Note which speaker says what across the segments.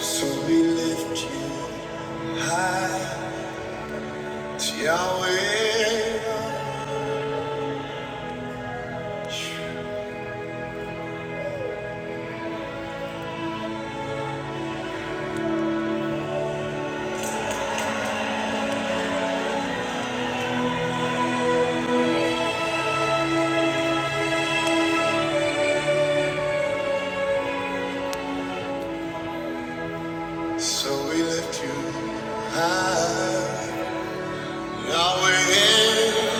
Speaker 1: So we lift you high, Yahweh. So we lift you high, Yahweh.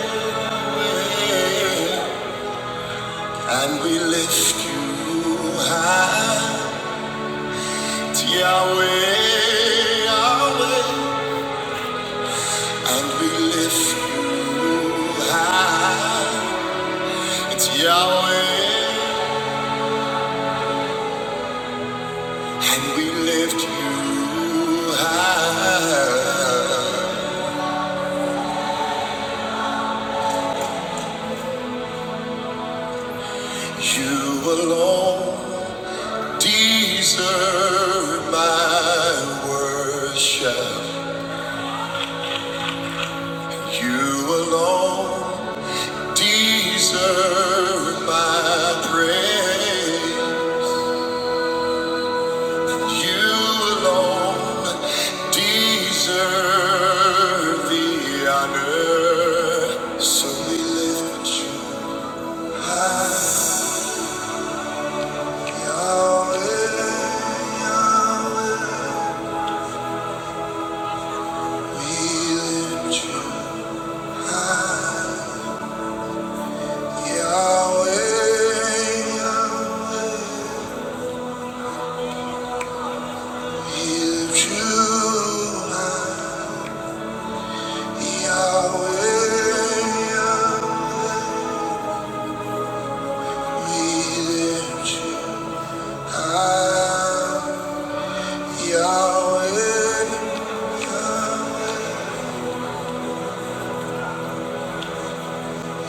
Speaker 1: And we lift you high, Yahweh, Yahweh. And we lift you high, it's Yahweh. And we lift you high. You alone deserve my worship. You alone deserve my praise. You alone deserve the honor. So we lift you, Yahweh, Yahweh. We lift you. Yahweh, Yahweh, you true Yahweh, Yahweh, we lift you high. Yahweh,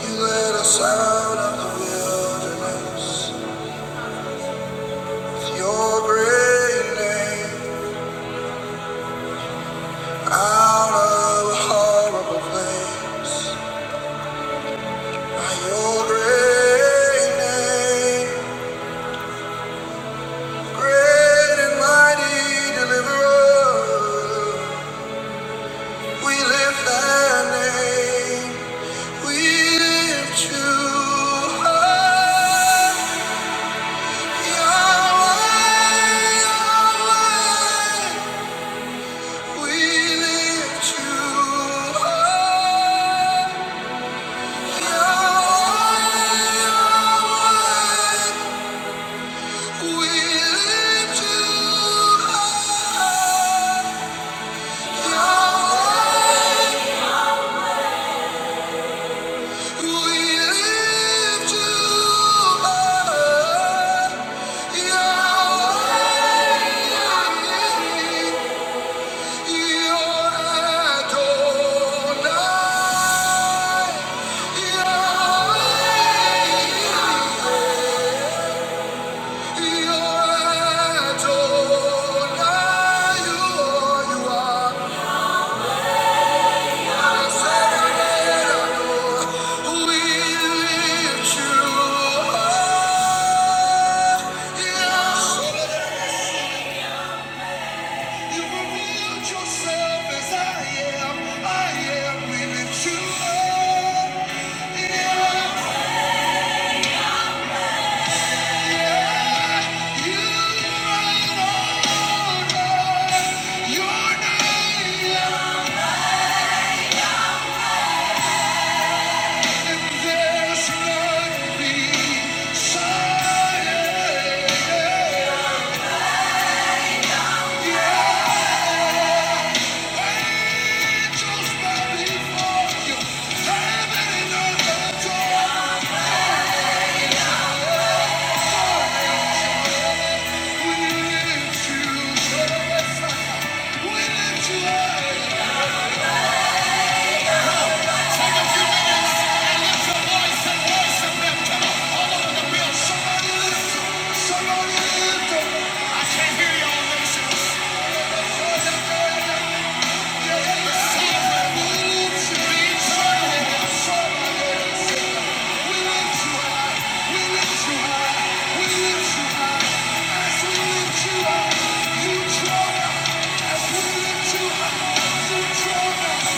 Speaker 1: you led us out of the wilderness. With Your great name, out of a horrible place. By Your great name. Great and mighty deliverer, we lift thy name, we lift you high. Yahweh, Yahweh, we lift you high. Yahweh, Yahweh, we lift you high. Yahweh. Yeah. Yeah. Thank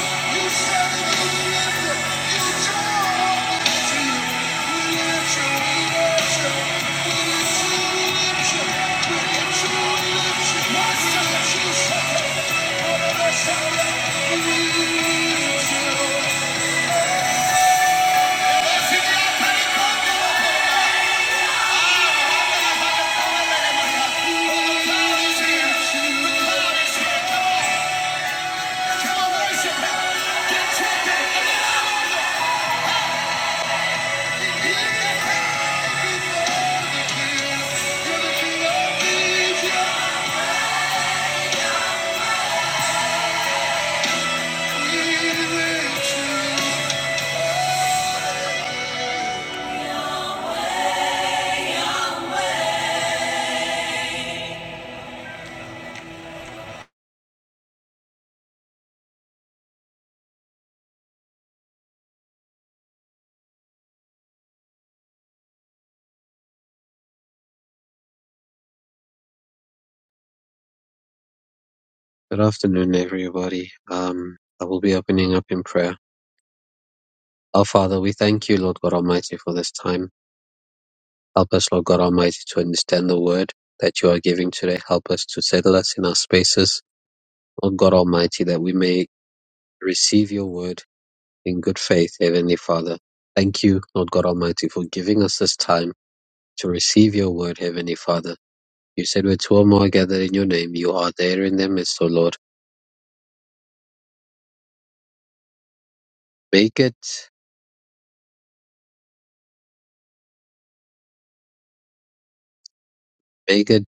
Speaker 1: you We on, worship him. Get your
Speaker 2: Good afternoon, everybody. Um, I will be opening up in prayer. Our Father, we thank you, Lord God Almighty, for this time. Help us, Lord God Almighty, to understand the word that you are giving today. Help us to settle us in our spaces, Lord God Almighty, that we may receive your word in good faith, Heavenly Father. Thank you, Lord God Almighty, for giving us this time to receive your word, Heavenly Father. You said where two or more are gathered in your name, you are there in their midst, O Lord. Make it, make it,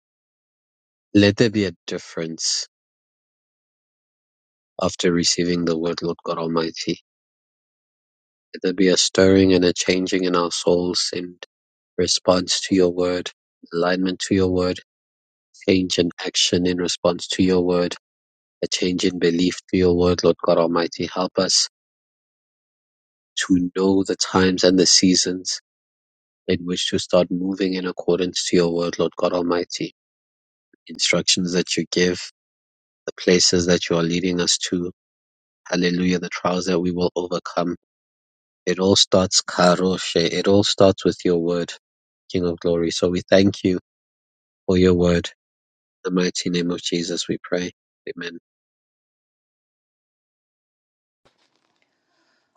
Speaker 2: let there be a difference After receiving the word, Lord God Almighty, let there be a stirring and a changing in our souls in response to your word, alignment to your word, change in action in response to your word, a change in belief to your word, Lord God Almighty. Help us to know the times and the seasons in which to start moving in accordance to your word, Lord God Almighty. Instructions that you give, the places that you are leading us to. Hallelujah, the trials that we will overcome It all starts Karoshe. It all starts with your word, King of glory. So we thank you for your word. In the mighty name of Jesus we pray. Amen.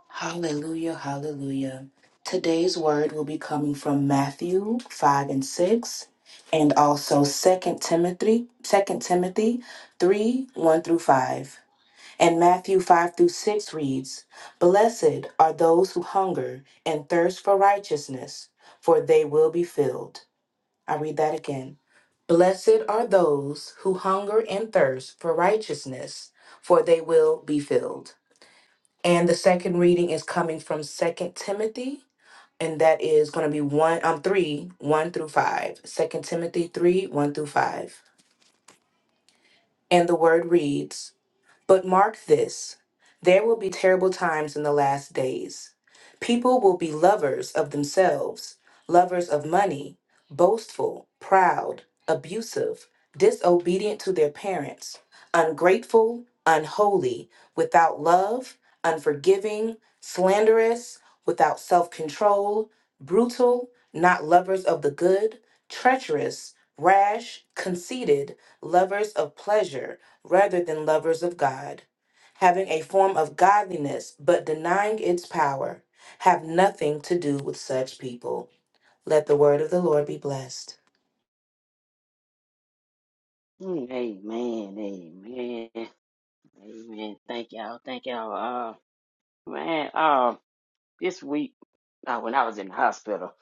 Speaker 3: Hallelujah, hallelujah. Today's word will be coming from Matthew 5 and 6 and also Second Timothy, Second Timothy 3, 1 through 5. And Matthew 5 through 6 reads, Blessed are those who hunger and thirst for righteousness, for they will be filled. I read that again. Blessed are those who hunger and thirst for righteousness, for they will be filled. And the second reading is coming from Second Timothy, and that is going to be one um three one through five. Second Timothy three one through five, and the word reads, "But mark this: there will be terrible times in the last days. People will be lovers of themselves, lovers of money, boastful, proud, abusive, disobedient to their parents." ungrateful, unholy, without love, unforgiving, slanderous, without self control, brutal, not lovers of the good, treacherous, rash, conceited, lovers of pleasure rather than lovers of God, having a form of godliness but denying its power. Have nothing to do with such people. Let the word of the Lord be blessed.
Speaker 4: Mm, Amen, amen, amen. Thank y'all, thank y'all. Uh, man, um, this week uh, when I was in the hospital,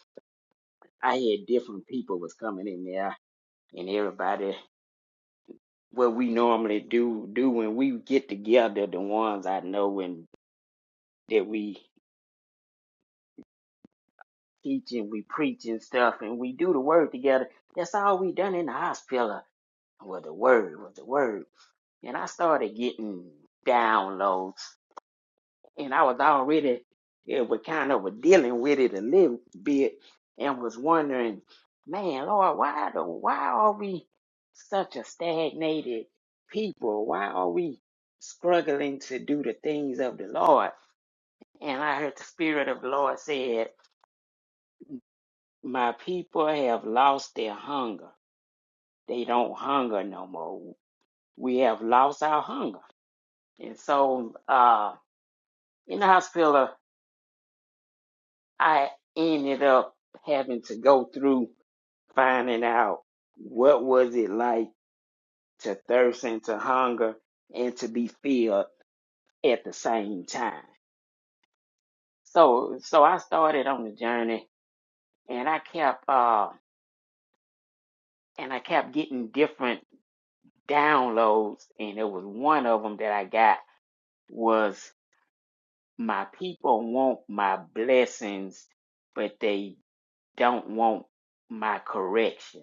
Speaker 4: I had different people was coming in there, and everybody. What we normally do do when we get together, the ones I know and that we teach and we preach and stuff, and we do the word together. That's all we done in the hospital. Was the word, was the word, and I started getting downloads and I was already it was kind of were dealing with it a little bit and was wondering, man, Lord, why the why are we such a stagnated people? Why are we struggling to do the things of the Lord? And I heard the Spirit of the Lord said, My people have lost their hunger. They don't hunger no more. We have lost our hunger. And so uh in the hospital I ended up having to go through finding out what was it like to thirst and to hunger and to be filled at the same time. So so I started on the journey and I kept uh and I kept getting different downloads and there was one of them that I got was my people want my blessings but they don't want my correction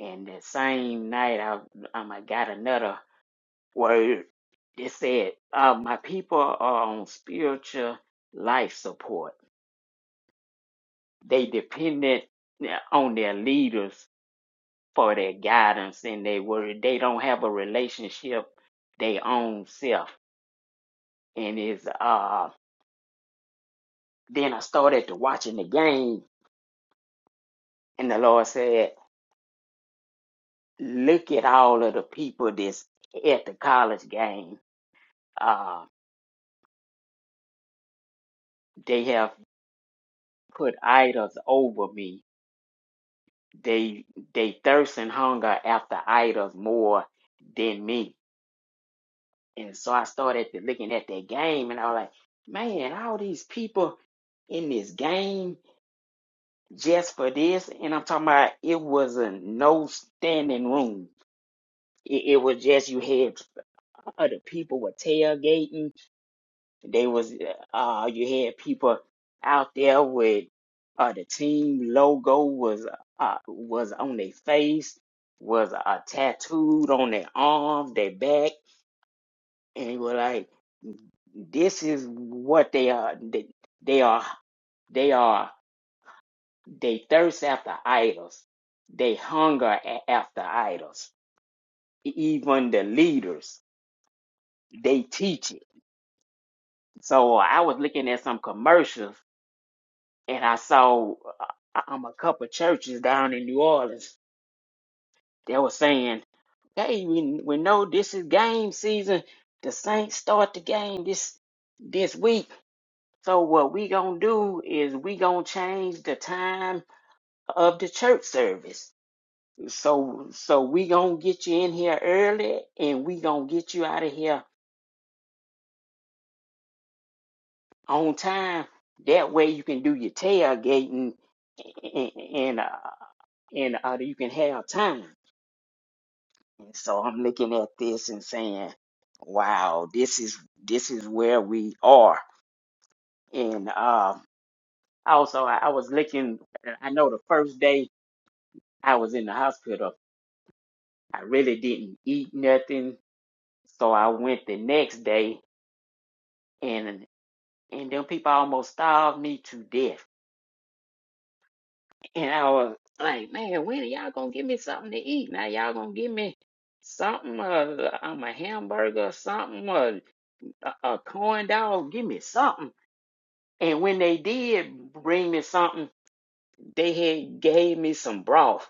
Speaker 4: And the same night, I, um, I got another word that said, uh, My people are on spiritual life support. They dependent yeah, on their leaders for their guidance and their word. They don't have a relationship their own self. And it's, uh, then I started to watching the game, and the Lord said, Look at all of the people that's at the college game. Uh, they have put idols over me. They they thirst and hunger after idols more than me. And so I started to looking at that game and I was like, man, all these people in this game just for this. And I'm talking about it was a no standing room. It, it was just you had other people were tailgating They was uh you had people out there with uh the team logo was uh was on their face, was uh tattooed on their arms, their back, and you were like, this is what they are. They, they are they are they thirst after idols. They hunger a- after idols. E-, Even the leaders, they teach it. So I was looking at some commercials and I saw uh, um, a couple churches down in New Orleans that were saying, "Hey, we we know this is game season. The Saints start the game this this week. So what we gonna do is we gonna change the time of the church service. So so we gonna get you in here early, and we gonna get you out of here on time. That way you can do your tailgating and and uh, and uh, you can have time." And so I'm looking at this and saying, wow, this is this is where we are. And um also I, I was looking I know the first day I was in the hospital, I really didn't eat nothing. So I went the next day and and them people almost starved me to death. And I was like, man, when are y'all gonna give me something to eat? Now y'all gonna give me something, uh, um, a hamburger or something, or a, a corn dog, give me something. And when they did bring me something, they had gave me some broth.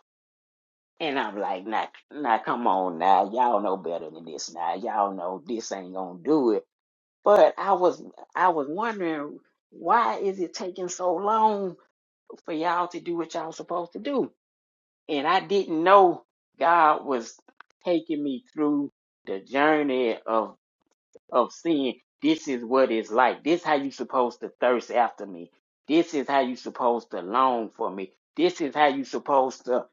Speaker 4: And I'm like, now, now come on now. Y'all know better than this now. Y'all know this ain't gonna do it. But I was I was wondering why is it taking so long for y'all to do what y'all supposed to do? And I didn't know God was taking me through the journey of. of sin. This is what it's like. This how you supposed to thirst after me. This is how you supposed to long for me. This is how you supposed to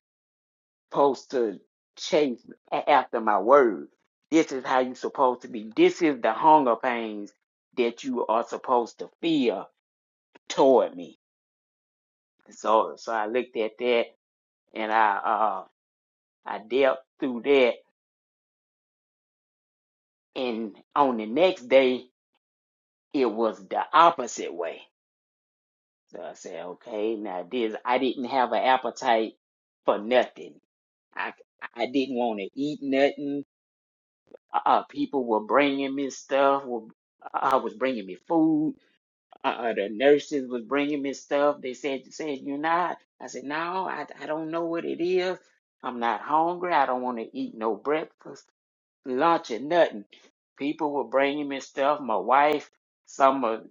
Speaker 4: supposed to chase a- after my word. This is how you supposed to be. This is the hunger pains that you are supposed to feel toward me. So so I looked at that and I uh I dealt through that and on the next day it was the opposite way So I said, okay, now this, I didn't have an appetite for nothing. I, I didn't want to eat nothing. Uh, uh, people were bringing me stuff. Were, uh, was bringing me food. Uh, uh, the nurses was bringing me stuff. They said, said you're not. I said, no, I, I don't know what it is. I'm not hungry. I don't want to eat no breakfast, lunch, or nothing. People were bringing me stuff. My wife, some of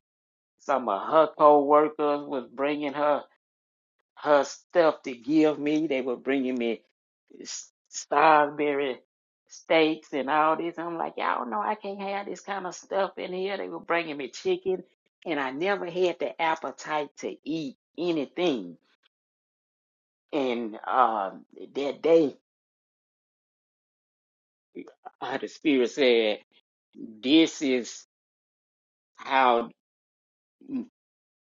Speaker 4: some of her co-workers was bringing her her stuff to give me. They were bringing me s- Salisbury steaks and all this. I'm like, y'all know I can't have this kind of stuff in here. They were bringing me chicken, and I never had the appetite to eat anything. And um, that day, uh, the Spirit said, This is how mm,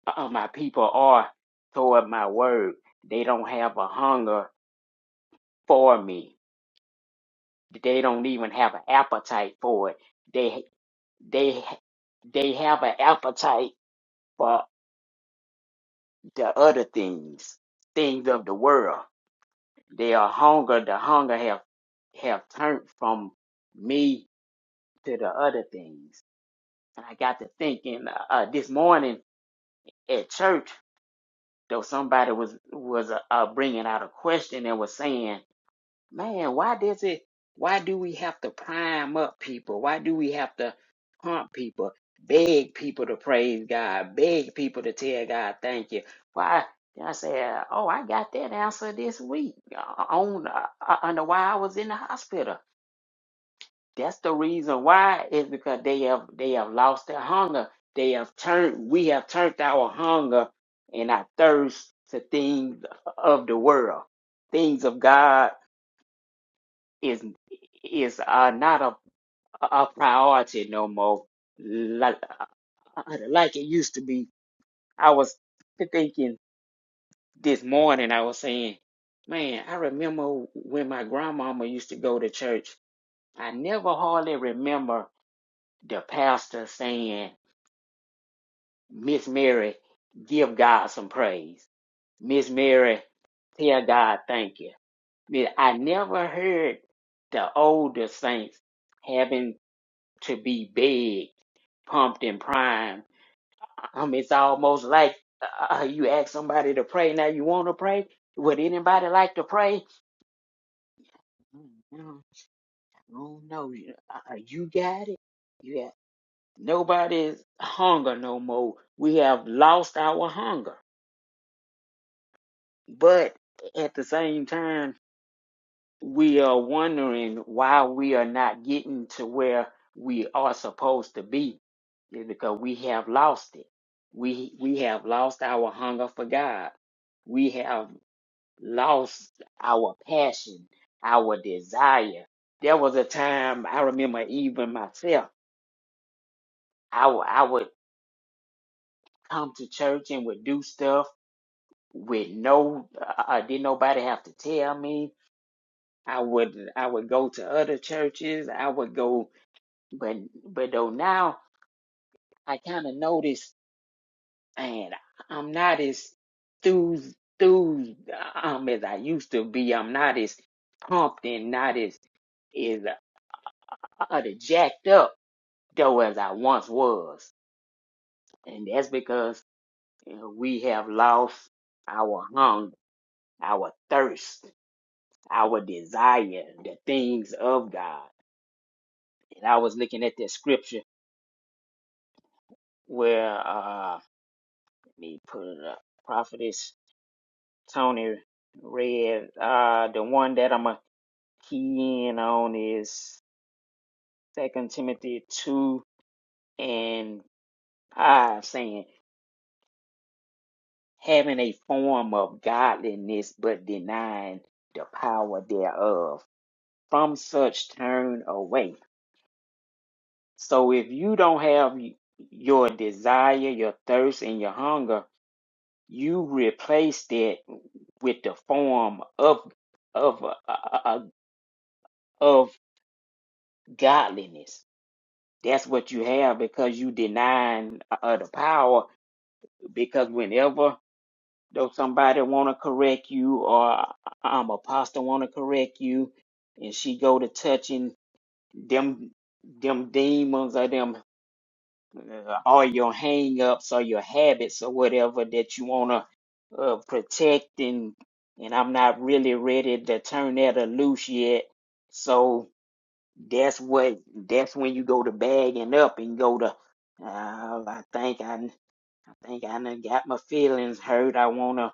Speaker 4: uh, my people are toward my word. They don't have a hunger for me, they don't even have an appetite for it They." they they have an appetite for the other things, things of the world. They are hunger. The hunger have have turned from me to the other things. And I got to thinking uh, uh, this morning at church, though somebody was was uh, uh, bringing out a question and was saying. Man, why does it, why do we have to prime up people? Why do we have to pump people, beg people to praise God, beg people to tell God thank you? Why? I said, oh, I got that answer this week uh, on uh, uh, under why I was in the hospital. That's the reason why is because they have they have lost their hunger. They have turned we have turned our hunger and our thirst to things of the world, things of God is is uh, not a a priority no more like like it used to be. I was thinking this morning. I was saying, man, I remember when my grandmama used to go to church. I never hardly remember the pastor saying, "Miss Mary, give God some praise. Miss Mary, tell God thank you." Man, I never heard the older saints having to be begged pumped and primed. Um, it's almost like uh, you ask somebody to pray. Now you want to pray. Would anybody like to pray? Mm, No, no, you uh, you got it. You got nobody's hunger no more. We have lost our hunger, but at the same time. we are wondering why we are not getting to where we are supposed to be is because we have lost it. We we have lost our hunger for God. We have lost our passion, our desire. There was a time I remember even myself. I would I would come to church and would do stuff with no uh, uh, didn't nobody have to tell me. I would I would go to other churches. I would go But but though now I kind of noticed, and I'm not as enthused, enthused um as I used to be. I'm not as pumped and not as is uh, uh, jacked up though as I once was, and that's because you know, we have lost our hunger, our thirst, our desire, the things of God. And I was looking at that scripture where uh, let me put it up, prophetess. Tony read. Uh, the one that I'm going to key in on is Second Timothy 2 and 5 saying, having a form of godliness but denying the power thereof. From such turn away. So if you don't have your desire, your thirst, and your hunger, you replace that with the form of of uh, uh, uh, of godliness That's what you have because you denying uh, the power. Because whenever though somebody want to correct you or um apostle want to correct you, and she go to touching them them demons or them uh, or your hang ups or your habits or whatever that you wanna uh, protect and and I'm not really ready to turn that loose yet. So that's what. That's when you go to bagging up and go to. Uh, I think I, I think I done got my feelings hurt. I wanna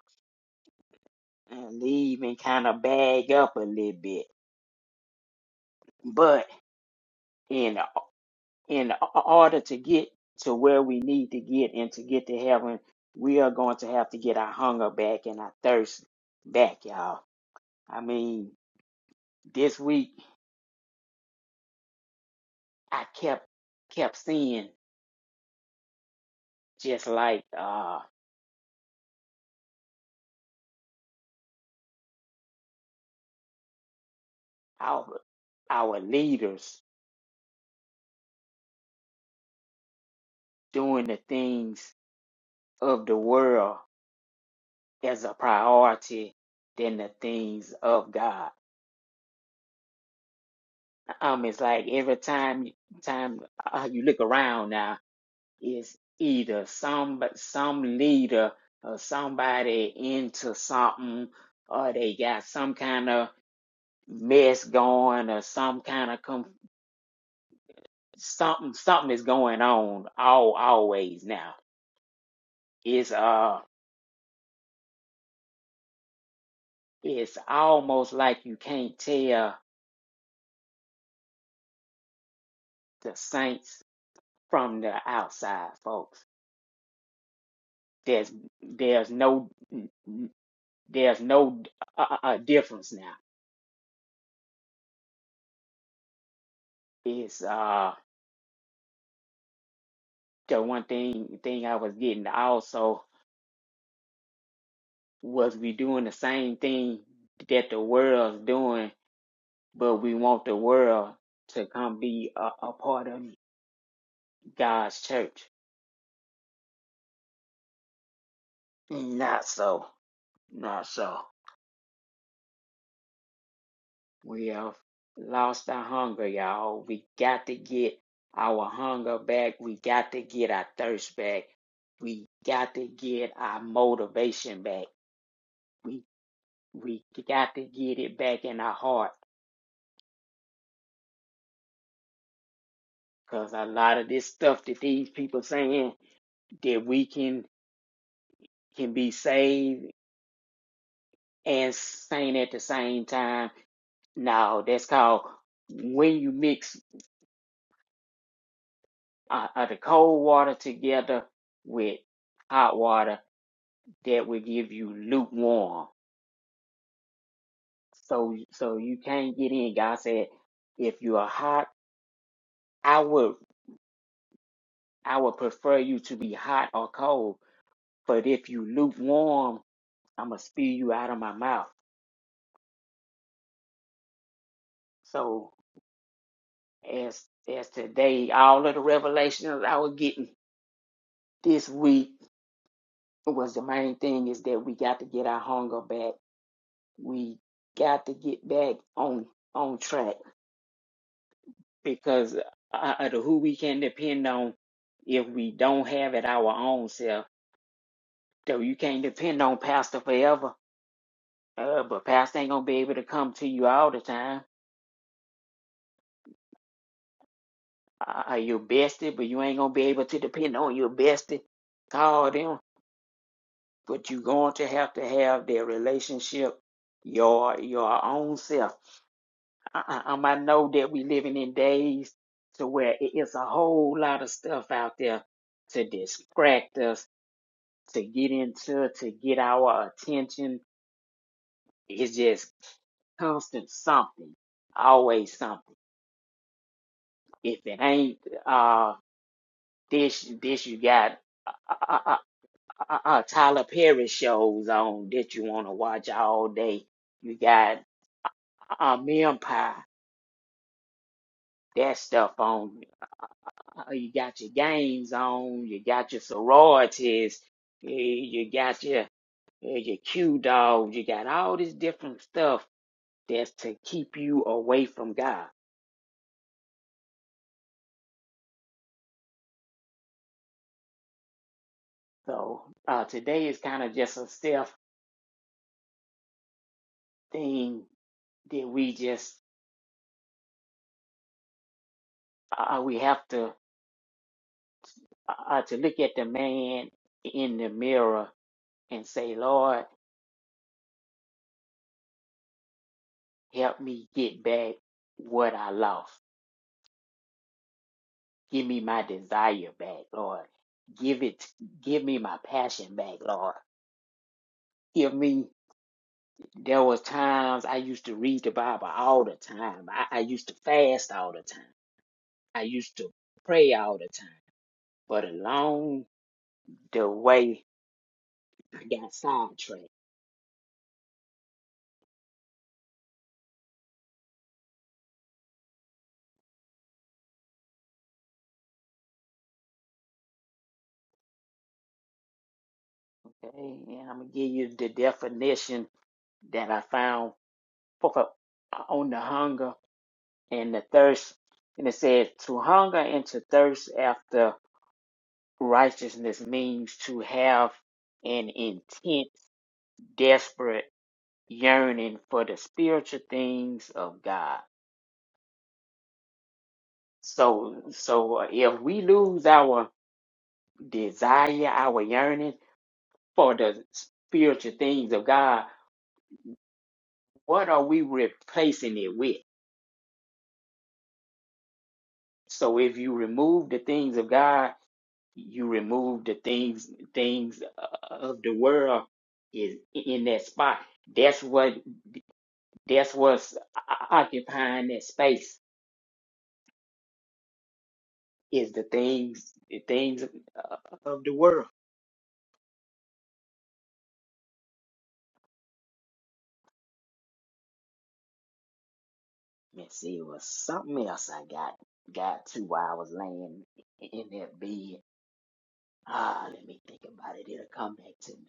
Speaker 4: uh, leave and kind of bag up a little bit. But in in order to get to where we need to get and to get to heaven, we are going to have to get our hunger back and our thirst back, y'all. I mean, this week I kept kept seeing just like uh our our leaders doing the things of the world as a priority than the things of God. Um, it's like every time time uh, you look around now, it's either some some leader or somebody into something, or they got some kind of mess going, or some kind of com- something something is going on. All always now. It's uh, it's almost like you can't tell the saints from the outside, folks. There's there's no there's no uh, uh, uh, difference now. It's uh the one thing thing I was getting also was we doing the same thing that the world's doing, but we want the world to come be a, a part of God's church. Not so, not so. We have lost our hunger, y'all. We got to get our hunger back. We got to get our thirst back. We got to get our motivation back. We we got to get it back in our heart. Cause a lot of this stuff that these people saying that we can can be saved and sane at the same time. No, that's called when you mix uh, uh, the cold water together with hot water that will give you lukewarm. So so you can't get in. God said, if you are hot, I would I would prefer you to be hot or cold. But if you lukewarm, I'm gonna spew you out of my mouth. So as as today, all of the revelations I was getting this week was the main thing is that we got to get our hunger back. We got to get back on on track because uh, uh, the who we can depend on if we don't have it our own self. Though you can't depend on pastor forever, uh, but pastor ain't gonna be able to come to you all the time. Uh, uh, your bestie, but you ain't gonna be able to depend on your bestie. Call them, but you are going to have to have their relationship, your your own self. Uh, uh, um, I know that we living in days to where it- it's a whole lot of stuff out there to distract us to get into, to get our attention. It's just constant something, always something. If it ain't uh this, this you got uh, uh, uh, uh, uh, Tyler Perry shows on that you want to watch all day. You got um Empire, that stuff on. Uh, you got your games on. You got your sororities. You, you got your eh, your Q dogs. You got all this different stuff that's to keep you away from God. So uh, today is kind of just a self thing that we just uh, uh, we have to uh, uh, to look at the man in the mirror and say, Lord, help me get back what I lost. Give me my desire back, Lord. Give it, give me my passion back, Lord. Give me. There was times I used to read the Bible all the time. I, I used to fast all the time. I used to pray all the time, but along the way, I got sidetracked. Okay, and I'm gonna give you the definition that I found for, on the hunger and the thirst. And it says to hunger and to thirst after righteousness means to have an intense, desperate yearning for the spiritual things of God. So, so if we lose our desire, our yearning for the spiritual things of God, what are we replacing it with? So if you remove the things of God, you remove the things things uh, of the world is in that spot. That's what that's what's occupying that space is the things the things uh, of the world. Let's see, it was something else I got got to while I was laying in that bed. Ah, let me think about it. It'll come back to me.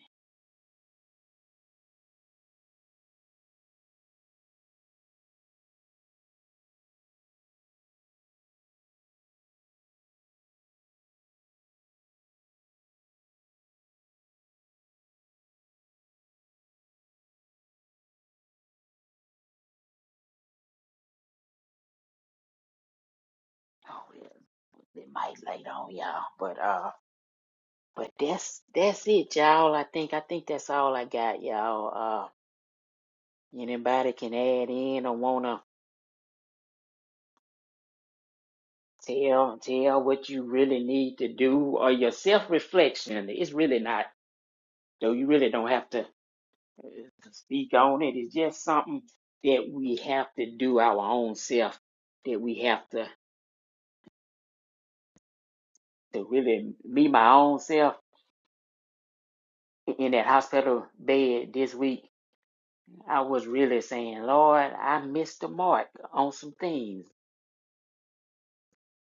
Speaker 4: Oh, yeah. It might later on, y'all. But uh, but that's that's it, y'all. I think I think that's all I got, y'all. Uh, anybody can add in or wanna tell tell what you really need to do or your self reflection. It's really not though. You really don't have to uh, speak on it. It's just something that we have to do our own self. That we have to to really be my own self in that hospital bed this week I was really saying, Lord, I missed the mark on some things.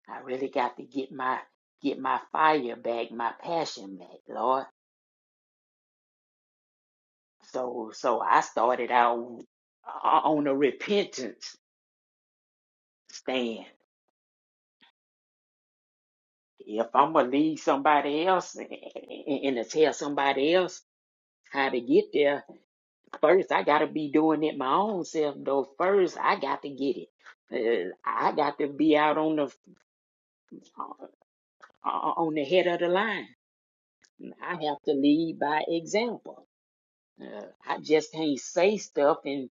Speaker 4: I really got to get my get my fire back, my passion back, Lord. So so I started out on a repentance stand. If I'm gonna lead somebody else and, and and tell somebody else how to get there, first I gotta be doing it my own self. Though first I got to get it. Uh, I got to be out on the uh, on the head of the line. I have to lead by example. Uh, I just can't say stuff and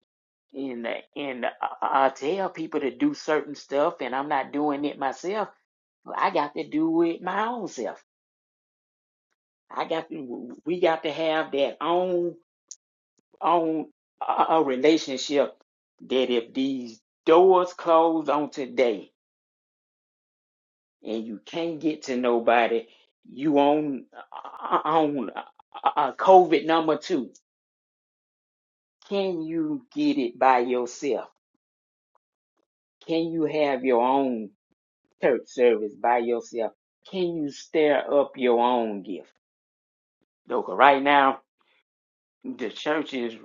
Speaker 4: and uh, and I tell people to do certain stuff, and I'm not doing it myself. I got to do it my own self. I got to, we got to have that own own a relationship. That if these doors close on today, and you can't get to nobody, you on uh, uh, on uh, uh, COVID number two Can you get it by yourself? Can you have your own church service by yourself? Can you stir up your own gift? Look, right now, the church is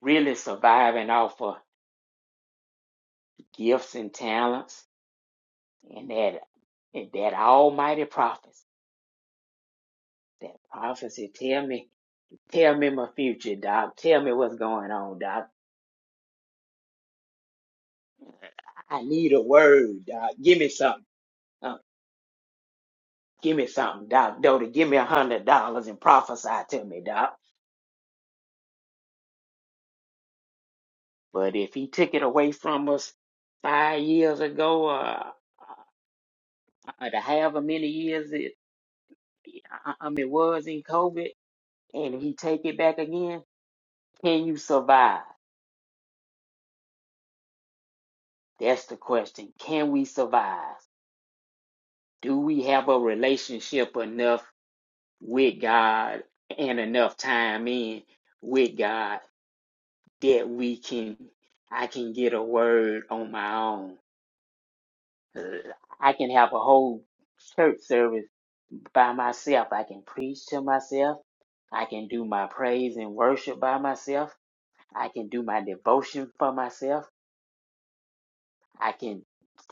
Speaker 4: really surviving off of gifts and talents and that and that almighty prophecy. That prophecy, tell me, tell me my future, Doc. Tell me what's going on, Doc. I need a word, Doc. Give me something. Uh, give me something, Doc. Doty, give me a hundred dollars and prophesy to me, Doc. But if he took it away from us five years ago, uh, uh, to however many years it, I I mean, it was in COVID, and he take it back again, can you survive? That's the question. Can we survive? Do we have a relationship enough with God and enough time in with God that we can, I can get a word on my own? Uh, I can have a whole church service by myself. I can preach to myself. I can do my praise and worship by myself. I can do my devotion for myself. I can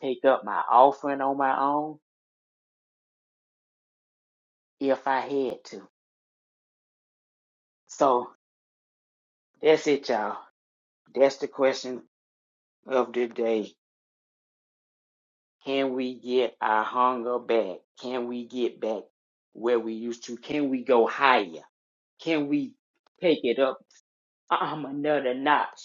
Speaker 4: take up my offering on my own if I had to. So that's it, y'all. That's the question of the day. Can we get our hunger back? Can we get back where we used to? Can we go higher? Can we take it up um, another notch?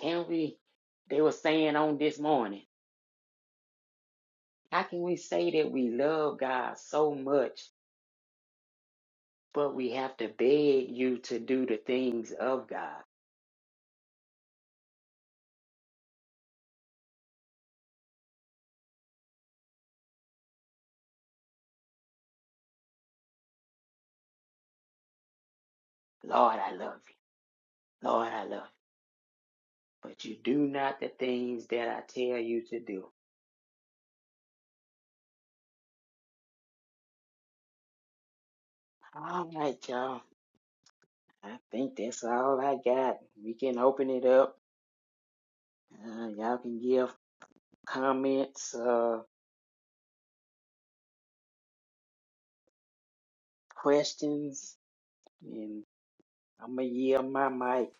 Speaker 4: Can we? They were saying on this morning. How can we say that we love God so much, but we have to beg you to do the things of God? Lord, I love you. Lord, I love you. But you do not the things that I tell you to do. All right, y'all. I think that's all I got. We can open it up. Uh, y'all can give comments, uh, questions, and I'm going to yield my mic.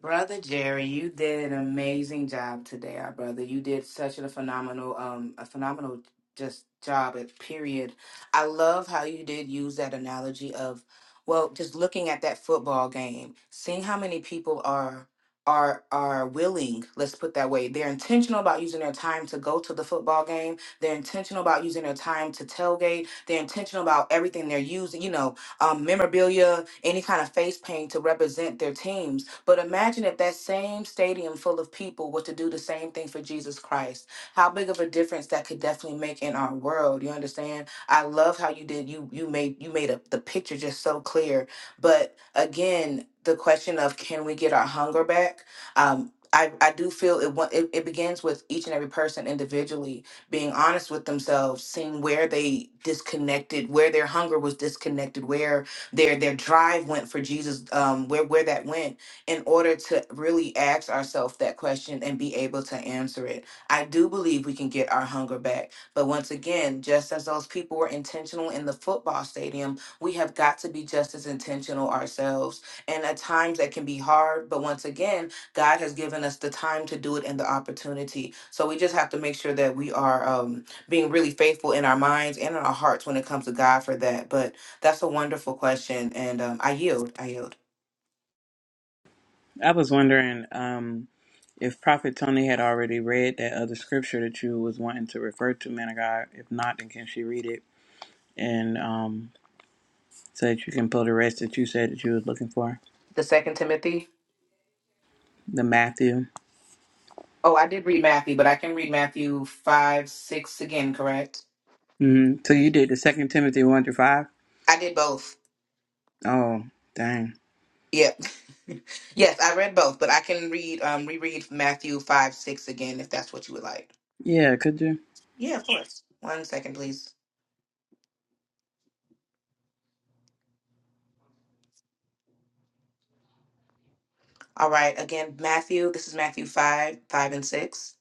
Speaker 3: Brother Jerry, you did an amazing job today, our brother. You did such a phenomenal, um, a phenomenal just job at period. I love how you did use that analogy of, well, just looking at that football game, seeing how many people are are are willing, let's put that way. They're intentional about using their time to go to the football game. They're intentional about using their time to tailgate. They're intentional about everything they're using, you know, um, memorabilia, any kind of face paint to represent their teams but imagine if that same stadium full of people were to do the same thing for Jesus Christ. How big of a difference that could definitely make in our world. You understand? I love how you did you you made you made up the picture just so clear. But again, the question of can we get our hunger back? Um I, I do feel it, wa- it it begins with each and every person individually being honest with themselves, seeing where they disconnected, where their hunger was disconnected, where their their drive went for Jesus, um, where where that went in order to really ask ourselves that question and be able to answer it. I do believe we can get our hunger back. But once again, just as those people were intentional in the football stadium, we have got to be just as intentional ourselves. And at times that can be hard, but once again, God has given us the time to do it and the opportunity. So we just have to make sure that we are um, being really faithful in our minds and in our hearts when it comes to God for that. But that's a wonderful question. And um, I yield. I yield.
Speaker 1: I was wondering um, if Prophet Tony had already read that other scripture that you was wanting to refer to, man of God. If not, then can she read it and um, so that you can pull the rest that you said that you was looking for,
Speaker 3: The second Timothy?
Speaker 1: the Matthew.
Speaker 3: Oh, I did read Matthew, but I can read Matthew 5, 6 again, correct?
Speaker 1: hmm So you did the Second Timothy one through five.
Speaker 3: I did both.
Speaker 1: Oh, dang.
Speaker 3: Yep. Yes, I read both, but I can read um reread Matthew 5, 6 again if that's what you would like.
Speaker 1: Yeah, could you?
Speaker 3: Yeah, of course. One second, please. All right, again, Matthew, this is Matthew 5, 5 and 6.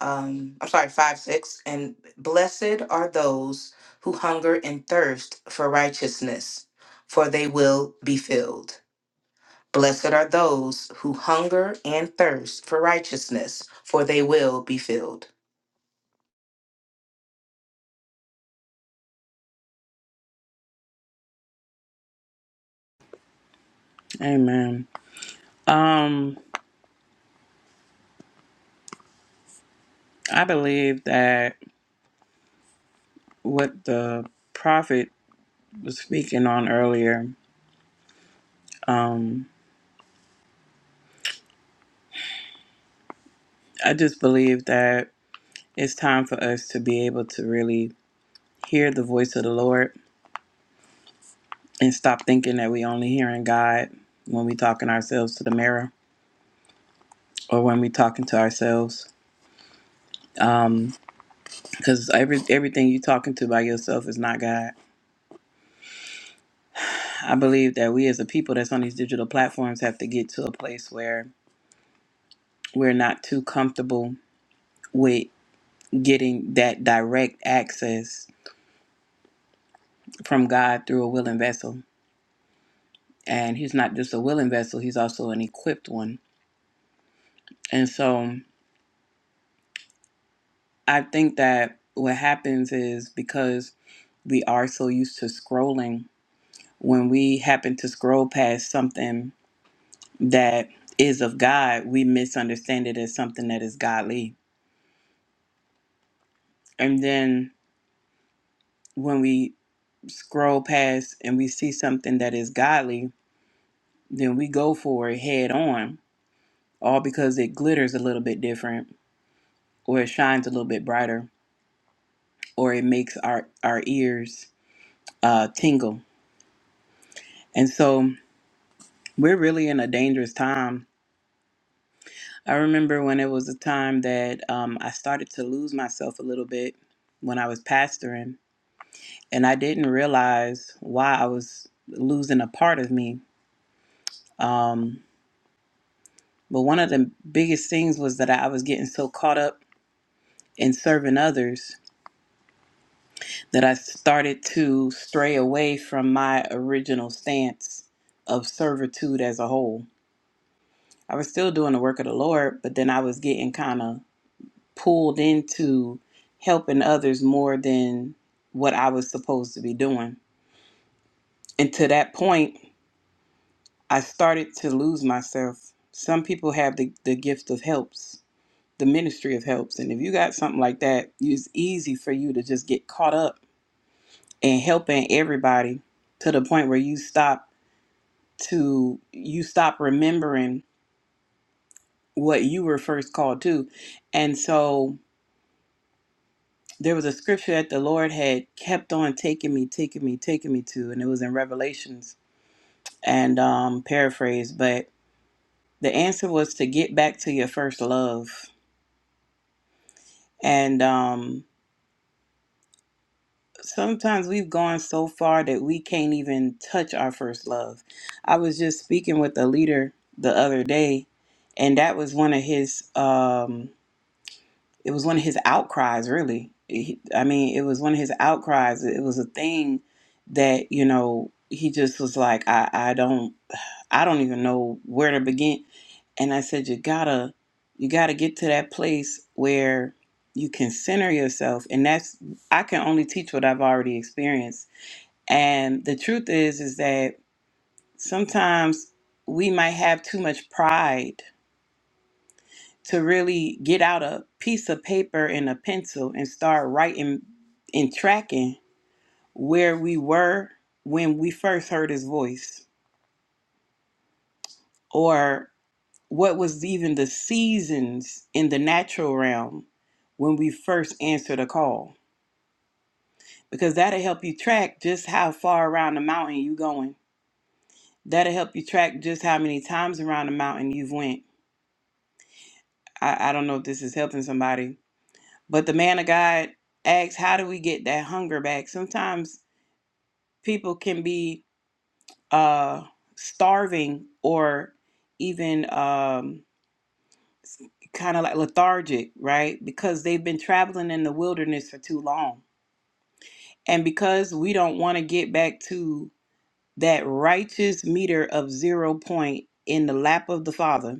Speaker 3: Um I'm sorry, 5, 6. And blessed are those who hunger and thirst for righteousness, for they will be filled. Blessed are those who hunger and thirst for righteousness, for they will be filled.
Speaker 1: Amen. Um, I believe that what the prophet was speaking on earlier, um, I just believe that it's time for us to be able to really hear the voice of the Lord and stop thinking that we only hearing God when we talking ourselves to the mirror or when we talking to ourselves. Um, Because every everything you talking to by yourself is not God. I believe that we as a people that's on these digital platforms have to get to a place where we're not too comfortable with getting that direct access from God through a willing vessel and he's not just a willing vessel he's also an equipped one and so i think that what happens is because we are so used to scrolling when we happen to scroll past something that is of god we misunderstand it as something that is godly and then when we scroll past and we see something that is godly then we go for it head on all because it glitters a little bit different or it shines a little bit brighter or it makes our our ears uh, tingle. And so we're really in a dangerous time. I remember when it was a time that um, I started to lose myself a little bit when I was pastoring, and I didn't realize why I was losing a part of me. Um, but one of the biggest things was that I was getting so caught up in serving others that I started to stray away from my original stance of servitude as a whole I was still doing the work of the Lord, but then I was getting kind of pulled into helping others more than what I was supposed to be doing. And to that point, I started to lose myself. Some people have the, the gift of helps, the ministry of helps. And if you got something like that, it's easy for you to just get caught up in helping everybody to the point where you stop to you stop remembering what you were first called to. And so there was a scripture that the Lord had kept on taking me, taking me, taking me to, and it was in Revelations and um, paraphrase, but the answer was to get back to your first love. And um, sometimes we've gone so far that we can't even touch our first love. I was just speaking with a leader the other day, and that was one of his. Um, it was one of his outcries really he, i mean it was one of his outcries it was a thing that you know he just was like i i don't i don't even know where to begin and i said you gotta you gotta get to that place where you can center yourself and that's i can only teach what i've already experienced and the truth is is that sometimes we might have too much pride to really get out a piece of paper and a pencil and start writing and tracking where we were when we first heard his voice or what was even the seasons in the natural realm when we first answered a call because that'll help you track just how far around the mountain you going that'll help you track just how many times around the mountain you've went i, I don't know if this is helping somebody but the man of god asks how do we get that hunger back sometimes people can be uh starving or even um kind of like lethargic right because they've been traveling in the wilderness for too long and because we don't want to get back to that righteous meter of zero point in the lap of the father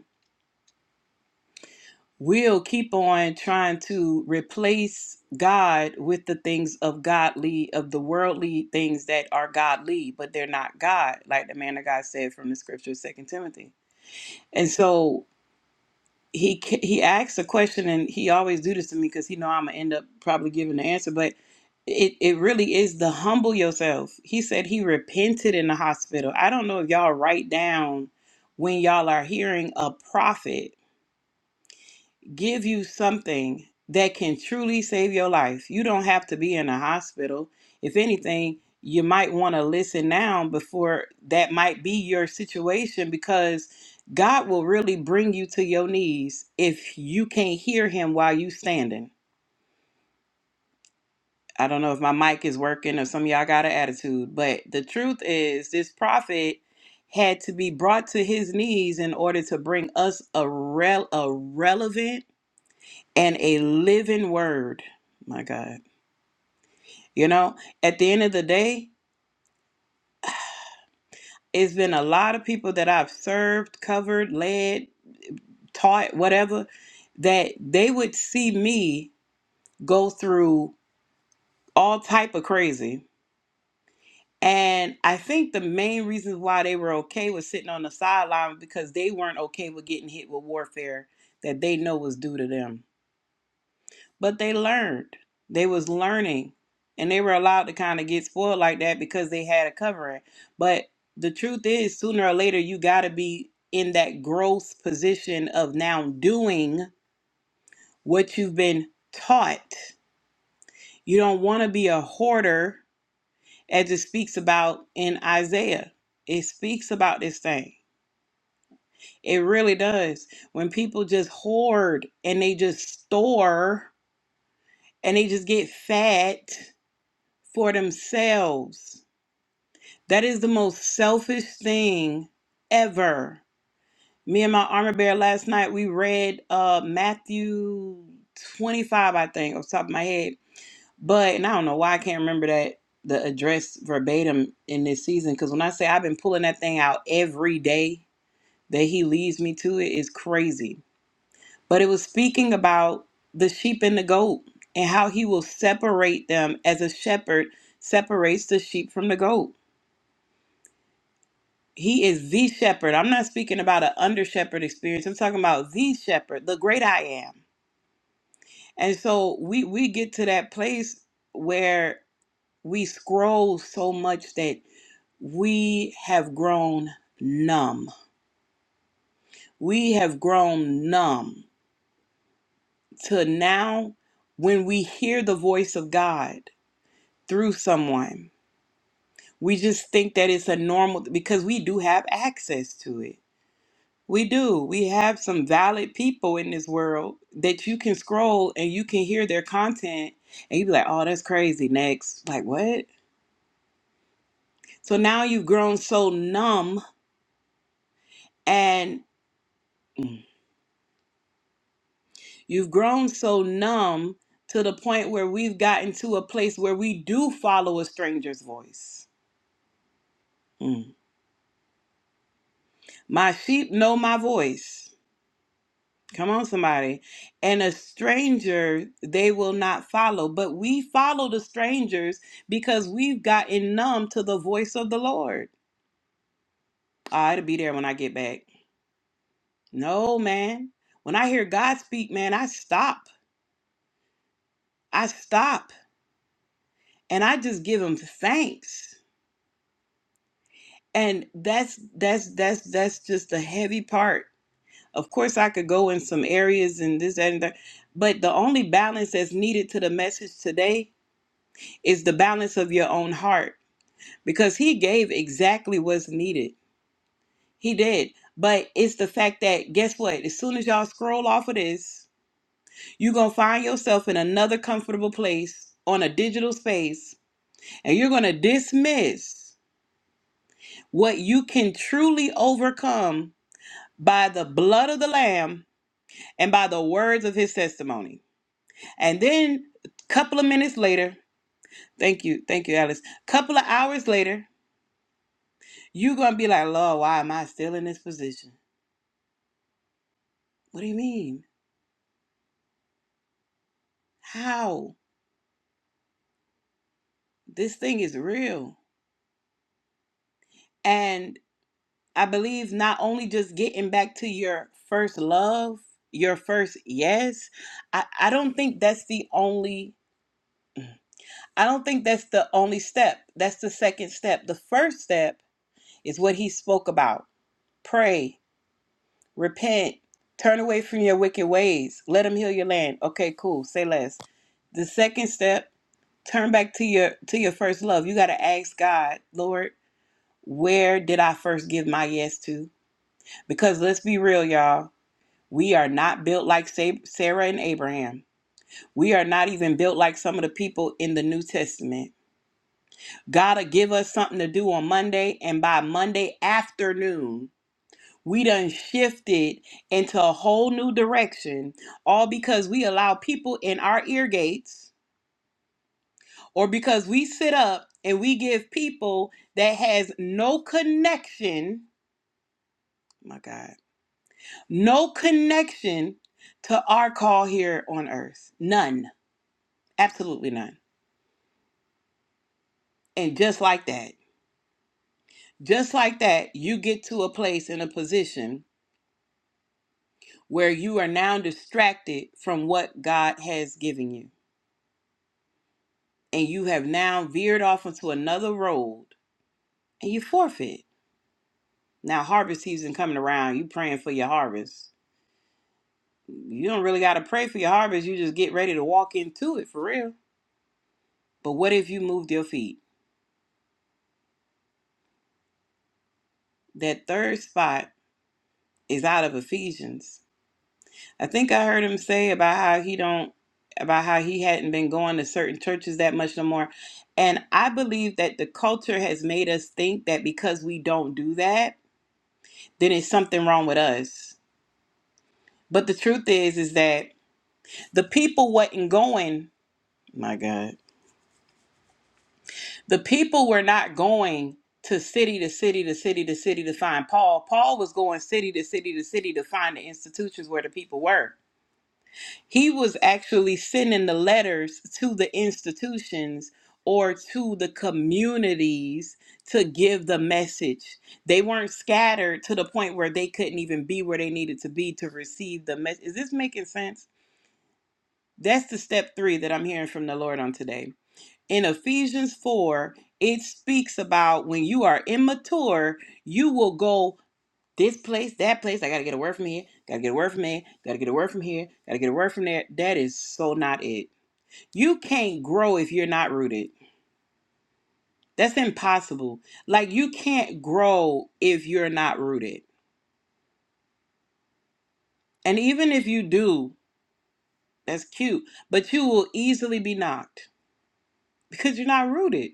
Speaker 1: we'll keep on trying to replace god with the things of godly of the worldly things that are godly but they're not god like the man of god said from the scripture second timothy And so he c- he asks a question, and he always do this to me because he know I'm gonna end up probably giving the answer. But it it really is the humble yourself. He said he repented in the hospital. I don't know if y'all write down when y'all are hearing a prophet give you something that can truly save your life. You don't have to be in a hospital. If anything, you might want to listen now before that might be your situation because God will really bring you to your knees if you can't hear him while you standing. I don't know if my mic is working or some of y'all got an attitude, but the truth is this prophet had to be brought to his knees in order to bring us a rel- a relevant and a living word. My God. You know, at the end of the day, it's been a lot of people that I've served, covered, led, taught, whatever, that they would see me go through all type of crazy. And I think the main reasons why they were okay with sitting on the sideline because they weren't okay with getting hit with warfare that they know was due to them. but they learned they was learning and they were allowed to kind of get spoiled like that because they had a covering but the truth is sooner or later you got to be in that growth position of now doing what you've been taught you don't want to be a hoarder as it speaks about in isaiah it speaks about this thing it really does when people just hoard and they just store and they just get fat for themselves. That is the most selfish thing ever. Me and my armor bear last night, we read uh Matthew 25, I think, off the top of my head. But, and I don't know why I can't remember that, the address verbatim in this season. Because when I say I've been pulling that thing out every day that he leads me to, it is crazy. But it was speaking about the sheep and the goat and how he will separate them as a shepherd separates the sheep from the goat He is the shepherd. I'm not speaking about an under shepherd experience. I'm talking about the shepherd, the great I am. And so we we get to that place where we scroll so much that we have grown numb. We have grown numb to now when we hear the voice of God through someone, we just think that it's a normal because we do have access to it We do. We have some valid people in this world that you can scroll and you can hear their content and you be like, oh, that's crazy. Next. Like, what? So now you've grown so numb and mm, you've grown so numb to the point where we've gotten to a place where we do follow a stranger's voice. Mm. My sheep know my voice. Come on, somebody. And a stranger they will not follow. But we follow the strangers because we've gotten numb to the voice of the Lord. Ah, it'll be there when I get back. No, man. When I hear God speak, man, I stop. I stop. And I just give him thanks. And that's that's that's that's just the heavy part. Of course I could go in some areas and this, that, and that. But the only balance that's needed to the message today is the balance of your own heart because he gave exactly what's needed. He did. But it's the fact that, guess what? As soon as y'all scroll off of this, you're going to find yourself in another comfortable place on a digital space, and you're going to dismiss what you can truly overcome by the blood of the Lamb and by the words of his testimony. And then, a couple of minutes later, thank you, thank you, Alice. couple of hours later, you're going to be like, Lord, why am I still in this position? What do you mean? how this thing is real. And I believe not only just getting back to your first love, your first yes, I, I don't think that's the only I don't think that's the only step. That's the second step. The first step is what he spoke about. Pray, repent, turn away from your wicked ways, let him heal your land. Okay, cool. Say less. The second step, turn back to your to your first love. You gotta ask God, Lord. Where did I first give my yes to? Because let's be real, y'all. We are not built like Sa- Sarah and Abraham. We are not even built like some of the people in the New Testament. God'll give us something to do on Monday, and by Monday afternoon, we done shifted into a whole new direction, all because we allow people in our ear gates, or because we sit up and we give people that has no connection. My God No connection to our call here on earth. None. Absolutely none. And just like that, just like that, you get to a place in a position where you are now distracted from what God has given you. And you have now veered off into another road and you forfeit. Now, harvest season coming around, you praying for your harvest. You don't really got to pray for your harvest. You just get ready to walk into it for real. But what if you moved your feet? That third spot is out of Ephesians. I think I heard him say about how he don't about how he hadn't been going to certain churches that much no more. And I believe that the culture has made us think that because we don't do that, then it's something wrong with us. But the truth is is that the people wasn't going, my God. The people were not going to city to city to city to city to find Paul. Paul was going city to city to city to find the institutions where the people were. he was actually sending the letters to the institutions or to the communities to give the message. They weren't scattered to the point where they couldn't even be where they needed to be to receive the message. Is this making sense? That's the step three that I'm hearing from the Lord on today. In Ephesians 4, it speaks about when you are immature, you will go this place, that place. I got to get a word from here. Got to get a word from there. Got to get a word from here. Got to get a word from there. That is so not it. You can't grow if you're not rooted. That's impossible. Like you can't grow if you're not rooted. And even if you do, that's cute, but you will easily be knocked because you're not rooted.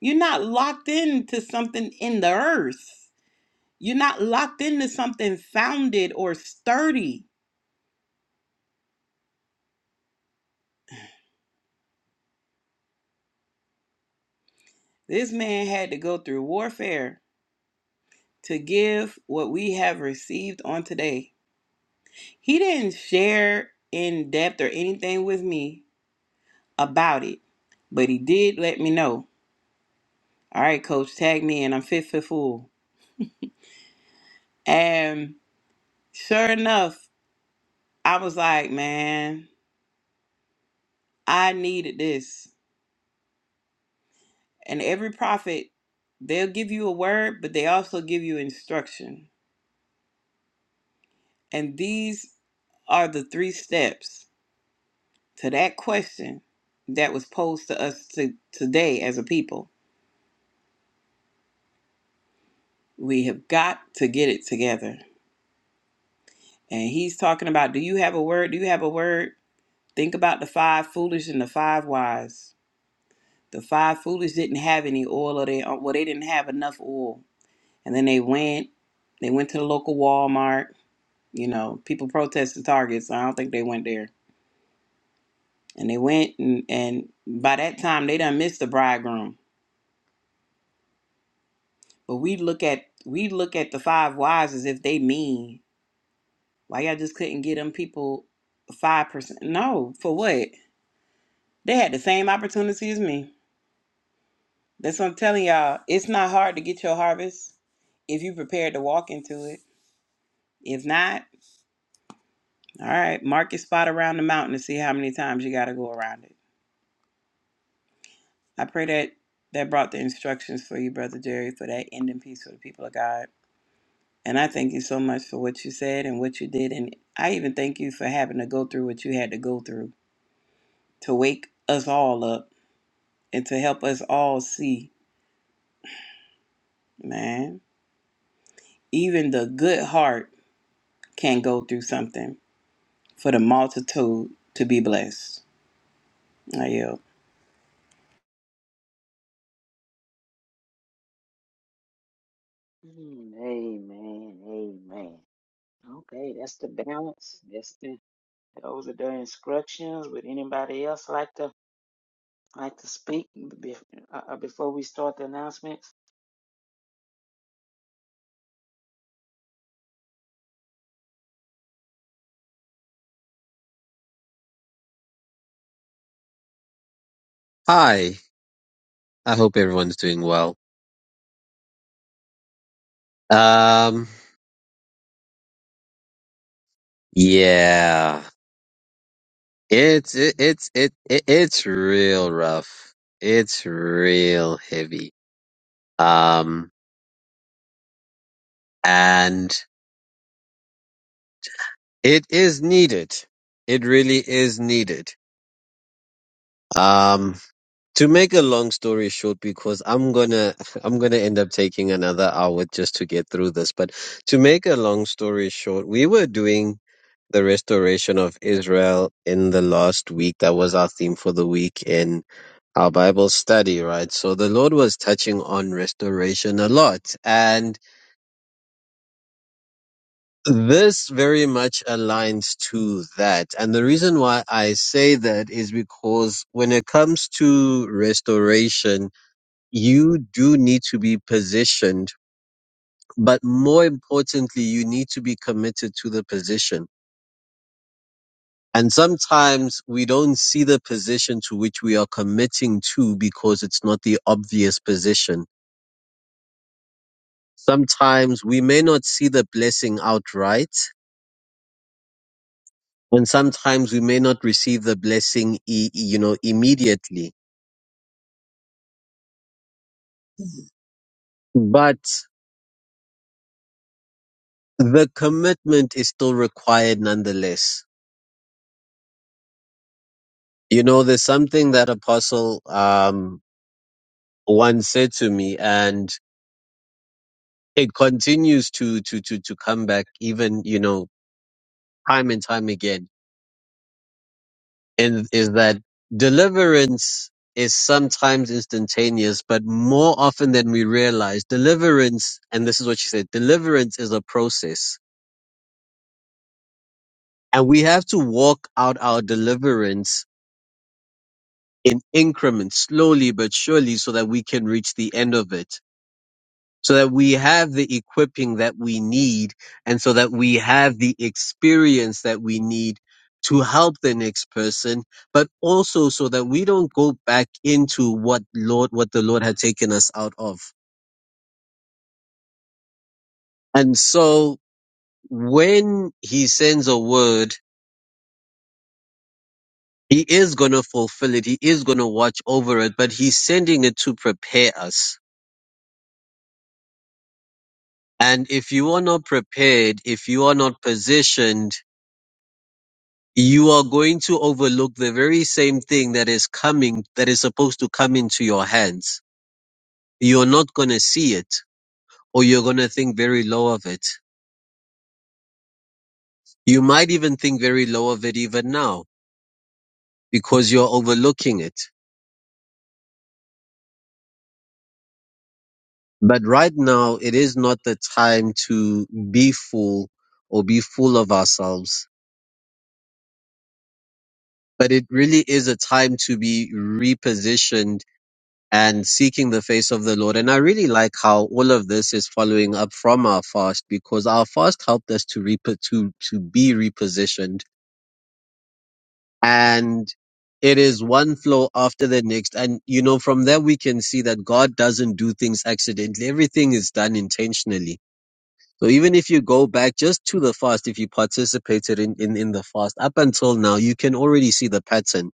Speaker 1: You're not locked into something in the earth. You're not locked into something founded or sturdy. This man had to go through warfare to give what we have received on today. He didn't share in depth or anything with me about it, but he did let me know. All right, coach, tag me in. I'm fit for full. And sure enough, I was like, man, I needed this. And every prophet, they'll give you a word, but they also give you instruction. And these are the three steps to that question that was posed to us to, today as a people We have got to get it together. And he's talking about do you have a word? Do you have a word? Think about the five foolish and the five wise. The five foolish didn't have any oil, or they uh, well, they didn't have enough oil. And then they went, they went to the local Walmart. You know, people protested Target, so I don't think they went there. And they went, and, and by that time they done missed the bridegroom. But we look at we look at the five wise as if they mean. Why y'all just couldn't get them people five percent? No, for what? They had the same opportunity as me. That's what I'm telling y'all. It's not hard to get your harvest if you prepared to walk into it. If not, all right, mark your spot around the mountain to see how many times you got to go around it. I pray that that brought the instructions for you, brother Jerry, for that ending piece for the people of God. And I thank you so much for what you said and what you did, and I even thank you for having to go through what you had to go through to wake us all up and to help us all see, man. Even the good heart can go through something for the multitude to be blessed. I yield.
Speaker 4: Mm, Amen. Amen. Okay, that's the balance. That's the Those are the instructions. Would anybody else like to like to speak be- uh, uh, before we start the announcements?
Speaker 2: Hi. I hope everyone's doing well. Um yeah. It's it, it's it, it it's real rough. It's real heavy. Um and it is needed. It really is needed. Um To make a long story short, because I'm gonna I'm gonna end up taking another hour just to get through this, but to make a long story short, we were doing the restoration of Israel in the last week. That was our theme for the week in our Bible study, right? So the Lord was touching on restoration a lot. And this very much aligns to that. And the reason why I say that is because when it comes to restoration, you do need to be positioned, but more importantly, you need to be committed to the position. And sometimes we don't see the position to which we are committing to because it's not the obvious position. Sometimes we may not see the blessing outright, and sometimes we may not receive the blessing, e- e- you know, immediately. But the commitment is still required nonetheless. You know, there's something that Apostle, um, One said to me and it continues to to to to come back even you know time and time again and is that deliverance is sometimes instantaneous but more often than we realize deliverance and this is what she said deliverance is a process and we have to walk out our deliverance in increments slowly but surely so that we can reach the end of it so that we have the equipping that we need and so that we have the experience that we need to help the next person, but also so that we don't go back into what Lord, what the Lord had taken us out of. And so when he sends a word, he is going to fulfill it. He is going to watch over it, but he's sending it to prepare us. And if you are not prepared, if you are not positioned, you are going to overlook the very same thing that is coming, that is supposed to come into your hands. You're not going to see it, or you're going to think very low of it. You might even think very low of it even now because you're overlooking it. But right now, it is not the time to be full or be full of ourselves. But it really is a time to be repositioned and seeking the face of the Lord. And I really like how all of this is following up from our fast because our fast helped us to repo to to be repositioned, and it is one flow after the next. And you know, from there we can see that God doesn't do things accidentally; everything is done intentionally. So even if you go back just to the fast, if you participated in, in, in the fast up until now, you can already see the pattern.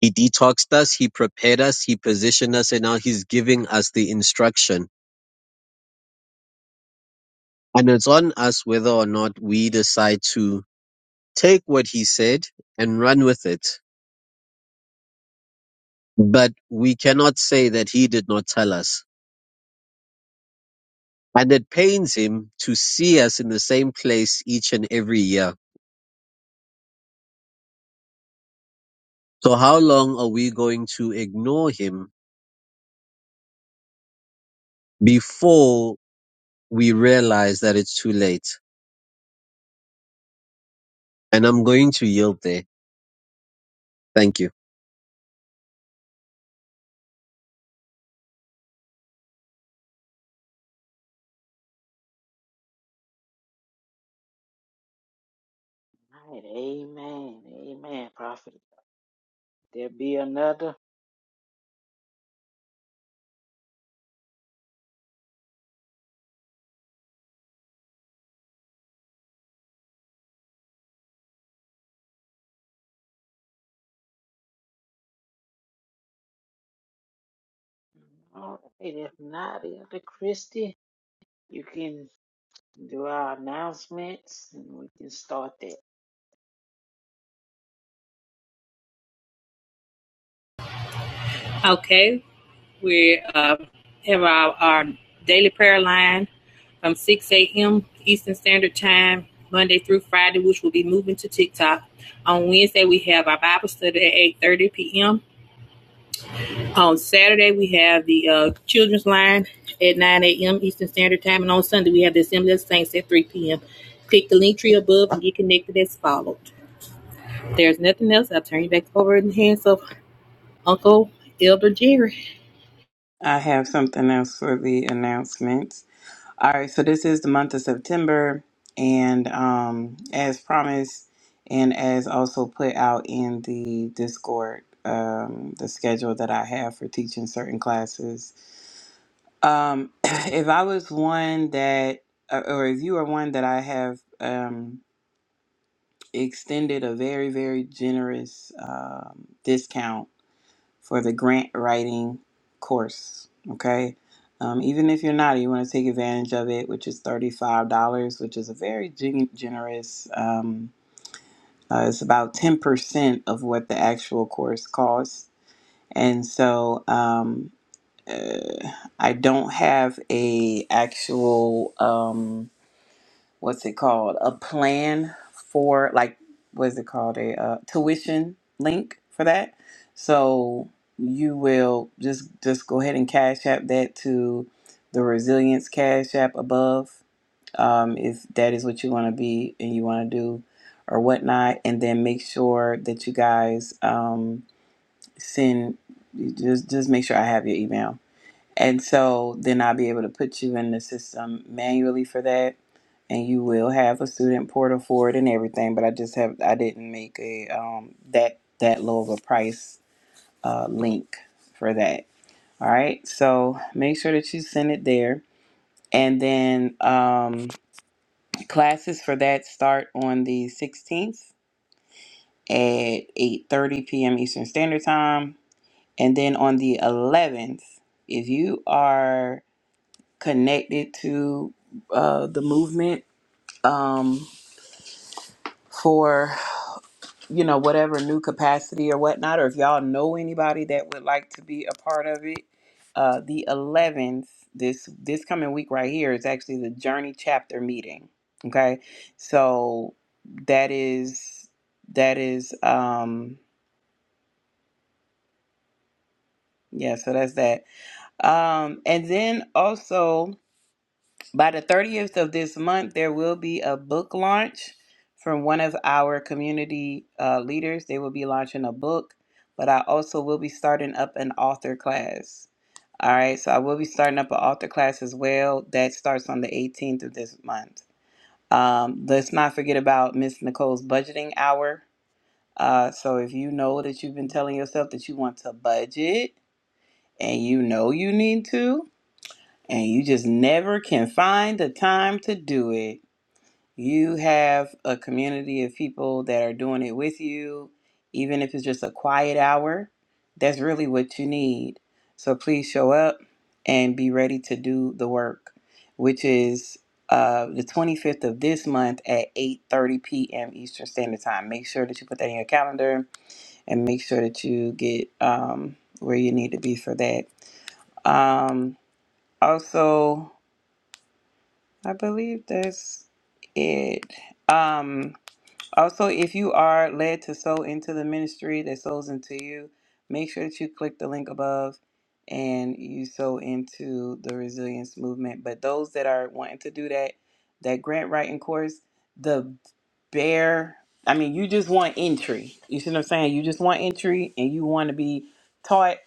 Speaker 2: He detoxed us, he prepared us, he positioned us, and now he's giving us the instruction And it's on us whether or not we decide to take what he said and run with it. But we cannot say that he did not tell us. And it pains him to see us in the same place each and every year. So how long are we going to ignore him before we realize that it's too late? And I'm going to yield there. Thank you.
Speaker 4: All right, amen, amen, prophet. There be another. All right, if not, Elder Christie, you can do our announcements and we can start that.
Speaker 5: Okay, we uh, have our, our daily prayer line from 6 a.m. Eastern Standard Time, Monday through Friday, which will be moving to TikTok. On Wednesday, we have our Bible study at 8.30 p.m. On Saturday, we have the uh, children's line at 9 a.m. Eastern Standard Time. And on Sunday, we have the Assembly of Saints at 3 p.m. Click the link tree above and get connected as followed. there's nothing else. I'll turn you back over in the hands of Uncle Elder Jerry.
Speaker 1: I have something else for the announcements. All right, so this is the month of September, and um, as promised, and as also put out in the Discord, um, the schedule that I have for teaching certain classes. Um, if I was one that, or or if you are one that I have, um, extended a very, very generous um, discount for the grant writing course. Okay. Um, even if you're not, you want to take advantage of it, which is $35, which is a very gen- generous, um, uh, it's about 10% of what the actual course costs. And so um, uh, I don't have a actual. Um, what's it called a plan for like what's it called a uh, tuition link for that so you will just just go ahead and cash app that to the resilience cash app above um, if that is what you want to be and you want to do or whatnot and then make sure that you guys um, send just just make sure i have your email and so then i'll be able to put you in the system manually for that and you will have a student portal for it and everything. But I just have I didn't make a um, that that low of a price uh, link for that. All right, so make sure that you send it there, and then um, classes for that start on the 16th at 8:30 p.m. Eastern Standard Time, and then on the 11th, if you are connected to uh, the movement um, for you know, whatever new capacity or whatnot, or if y'all know anybody that would like to be a part of it, uh, the 11th, this this coming week right here is actually the Journey chapter meeting. Okay, so that is that is um yeah, so that's that. Um, and then also By the 30th of this month, there will be a book launch from one of our community uh, leaders. They will be launching a book, but I also will be starting up an author class. All right, so I will be starting up an author class as well. That starts on the 18th of this month. Um, let's not forget about Miss Nicole's budgeting hour. Uh, so if you know that you've been telling yourself that you want to budget and you know you need to, and you just never can find the time to do it, you have a community of people that are doing it with you, even if it's just a quiet hour, that's really what you need. So please show up and be ready to do the work, which is uh, the 25th of this month at 8.30 p.m. Eastern Standard Time. Make sure that you put that in your calendar and make sure that you get um, where you need to be for that. Um, also, I believe that's it. Um, also, if you are led to sow into the ministry that sows into you, make sure that you click the link above and you sow into the resilience movement. But those that are wanting to do that, that grant writing course, the bare, I mean, you just want entry. You see what I'm saying? You just want entry and you want to be taught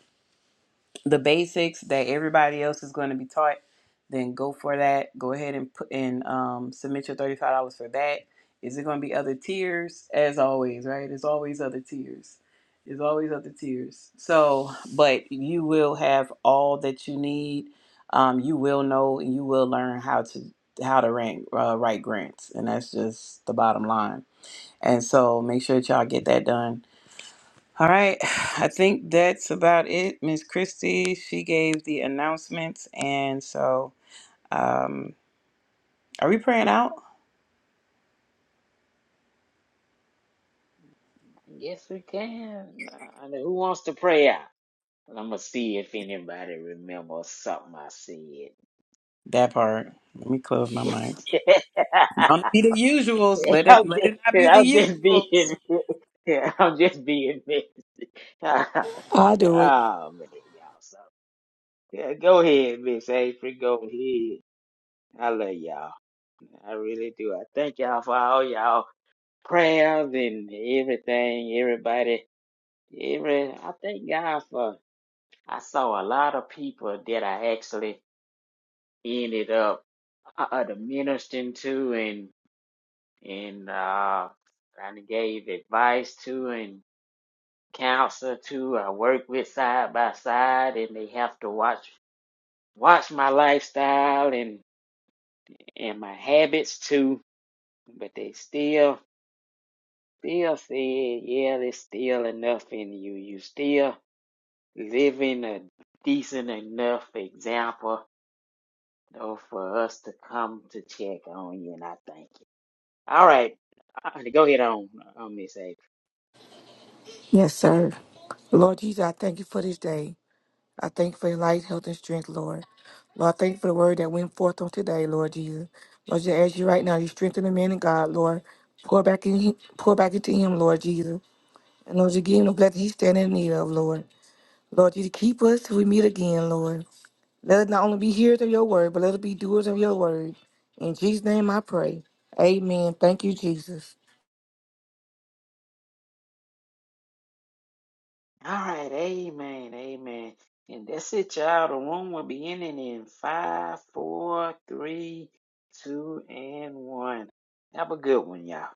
Speaker 1: the basics that everybody else is going to be taught, then go for that. Go ahead and put and um, submit your thirty five dollars for that. Is it going to be other tiers? As always, right? There's always other tiers. There's always other tiers. So, but you will have all that you need. Um, you will know and you will learn how to how to rank, uh, write grants, and that's just the bottom line. And so, make sure that y'all get that done all right, I think that's about it. Miss Christie, she gave the announcements, and so um, are we praying out
Speaker 4: Yes, we can. Uh, who wants to pray out? I'm gonna see if anybody remembers something I
Speaker 1: that part? Let me close my
Speaker 4: said.
Speaker 1: mic. Don't be the usuals. Let it
Speaker 4: I'm
Speaker 1: let
Speaker 4: just,
Speaker 1: it not be the
Speaker 4: I'm just
Speaker 1: usuals.
Speaker 4: being, I'm just being me. oh man,
Speaker 6: I do it.
Speaker 4: y'all. So yeah, go ahead, Miss April. Go ahead. I love y'all. I really do. I thank y'all for all y'all prayers and everything. Everybody, every. I thank God for. I saw a lot of people that I actually ended up uh, uh, ministering to and and uh, kind of gave advice to, and. counselor too. I work with side by side, and they have to watch watch my lifestyle and and my habits too. But they still still said, yeah, there's still enough in you. You still living a decent enough example, though, for us to come to check on you. And I thank you. All right, Uh, go ahead on, uh, on Miss A.
Speaker 6: Yes, sir. Lord Jesus, I thank you for this day. I thank you for your life, health, and strength, Lord. Lord, I thank you for the word that went forth on today, Lord Jesus. Lord, just ask you right now, you strengthen the man in God, Lord. Pour back in him, pour back into him, Lord Jesus. And Lord, you give him the blessing he's standing in need of, Lord. Lord, you keep us till we meet again, Lord. Let us not only be hearers of your word, but let us be doers of your word. In Jesus' name I pray. Amen. Thank you, Jesus.
Speaker 4: All right, amen, amen. And that's it, y'all. The room will be ending in five, four, three, two, and one. Have a good one, y'all.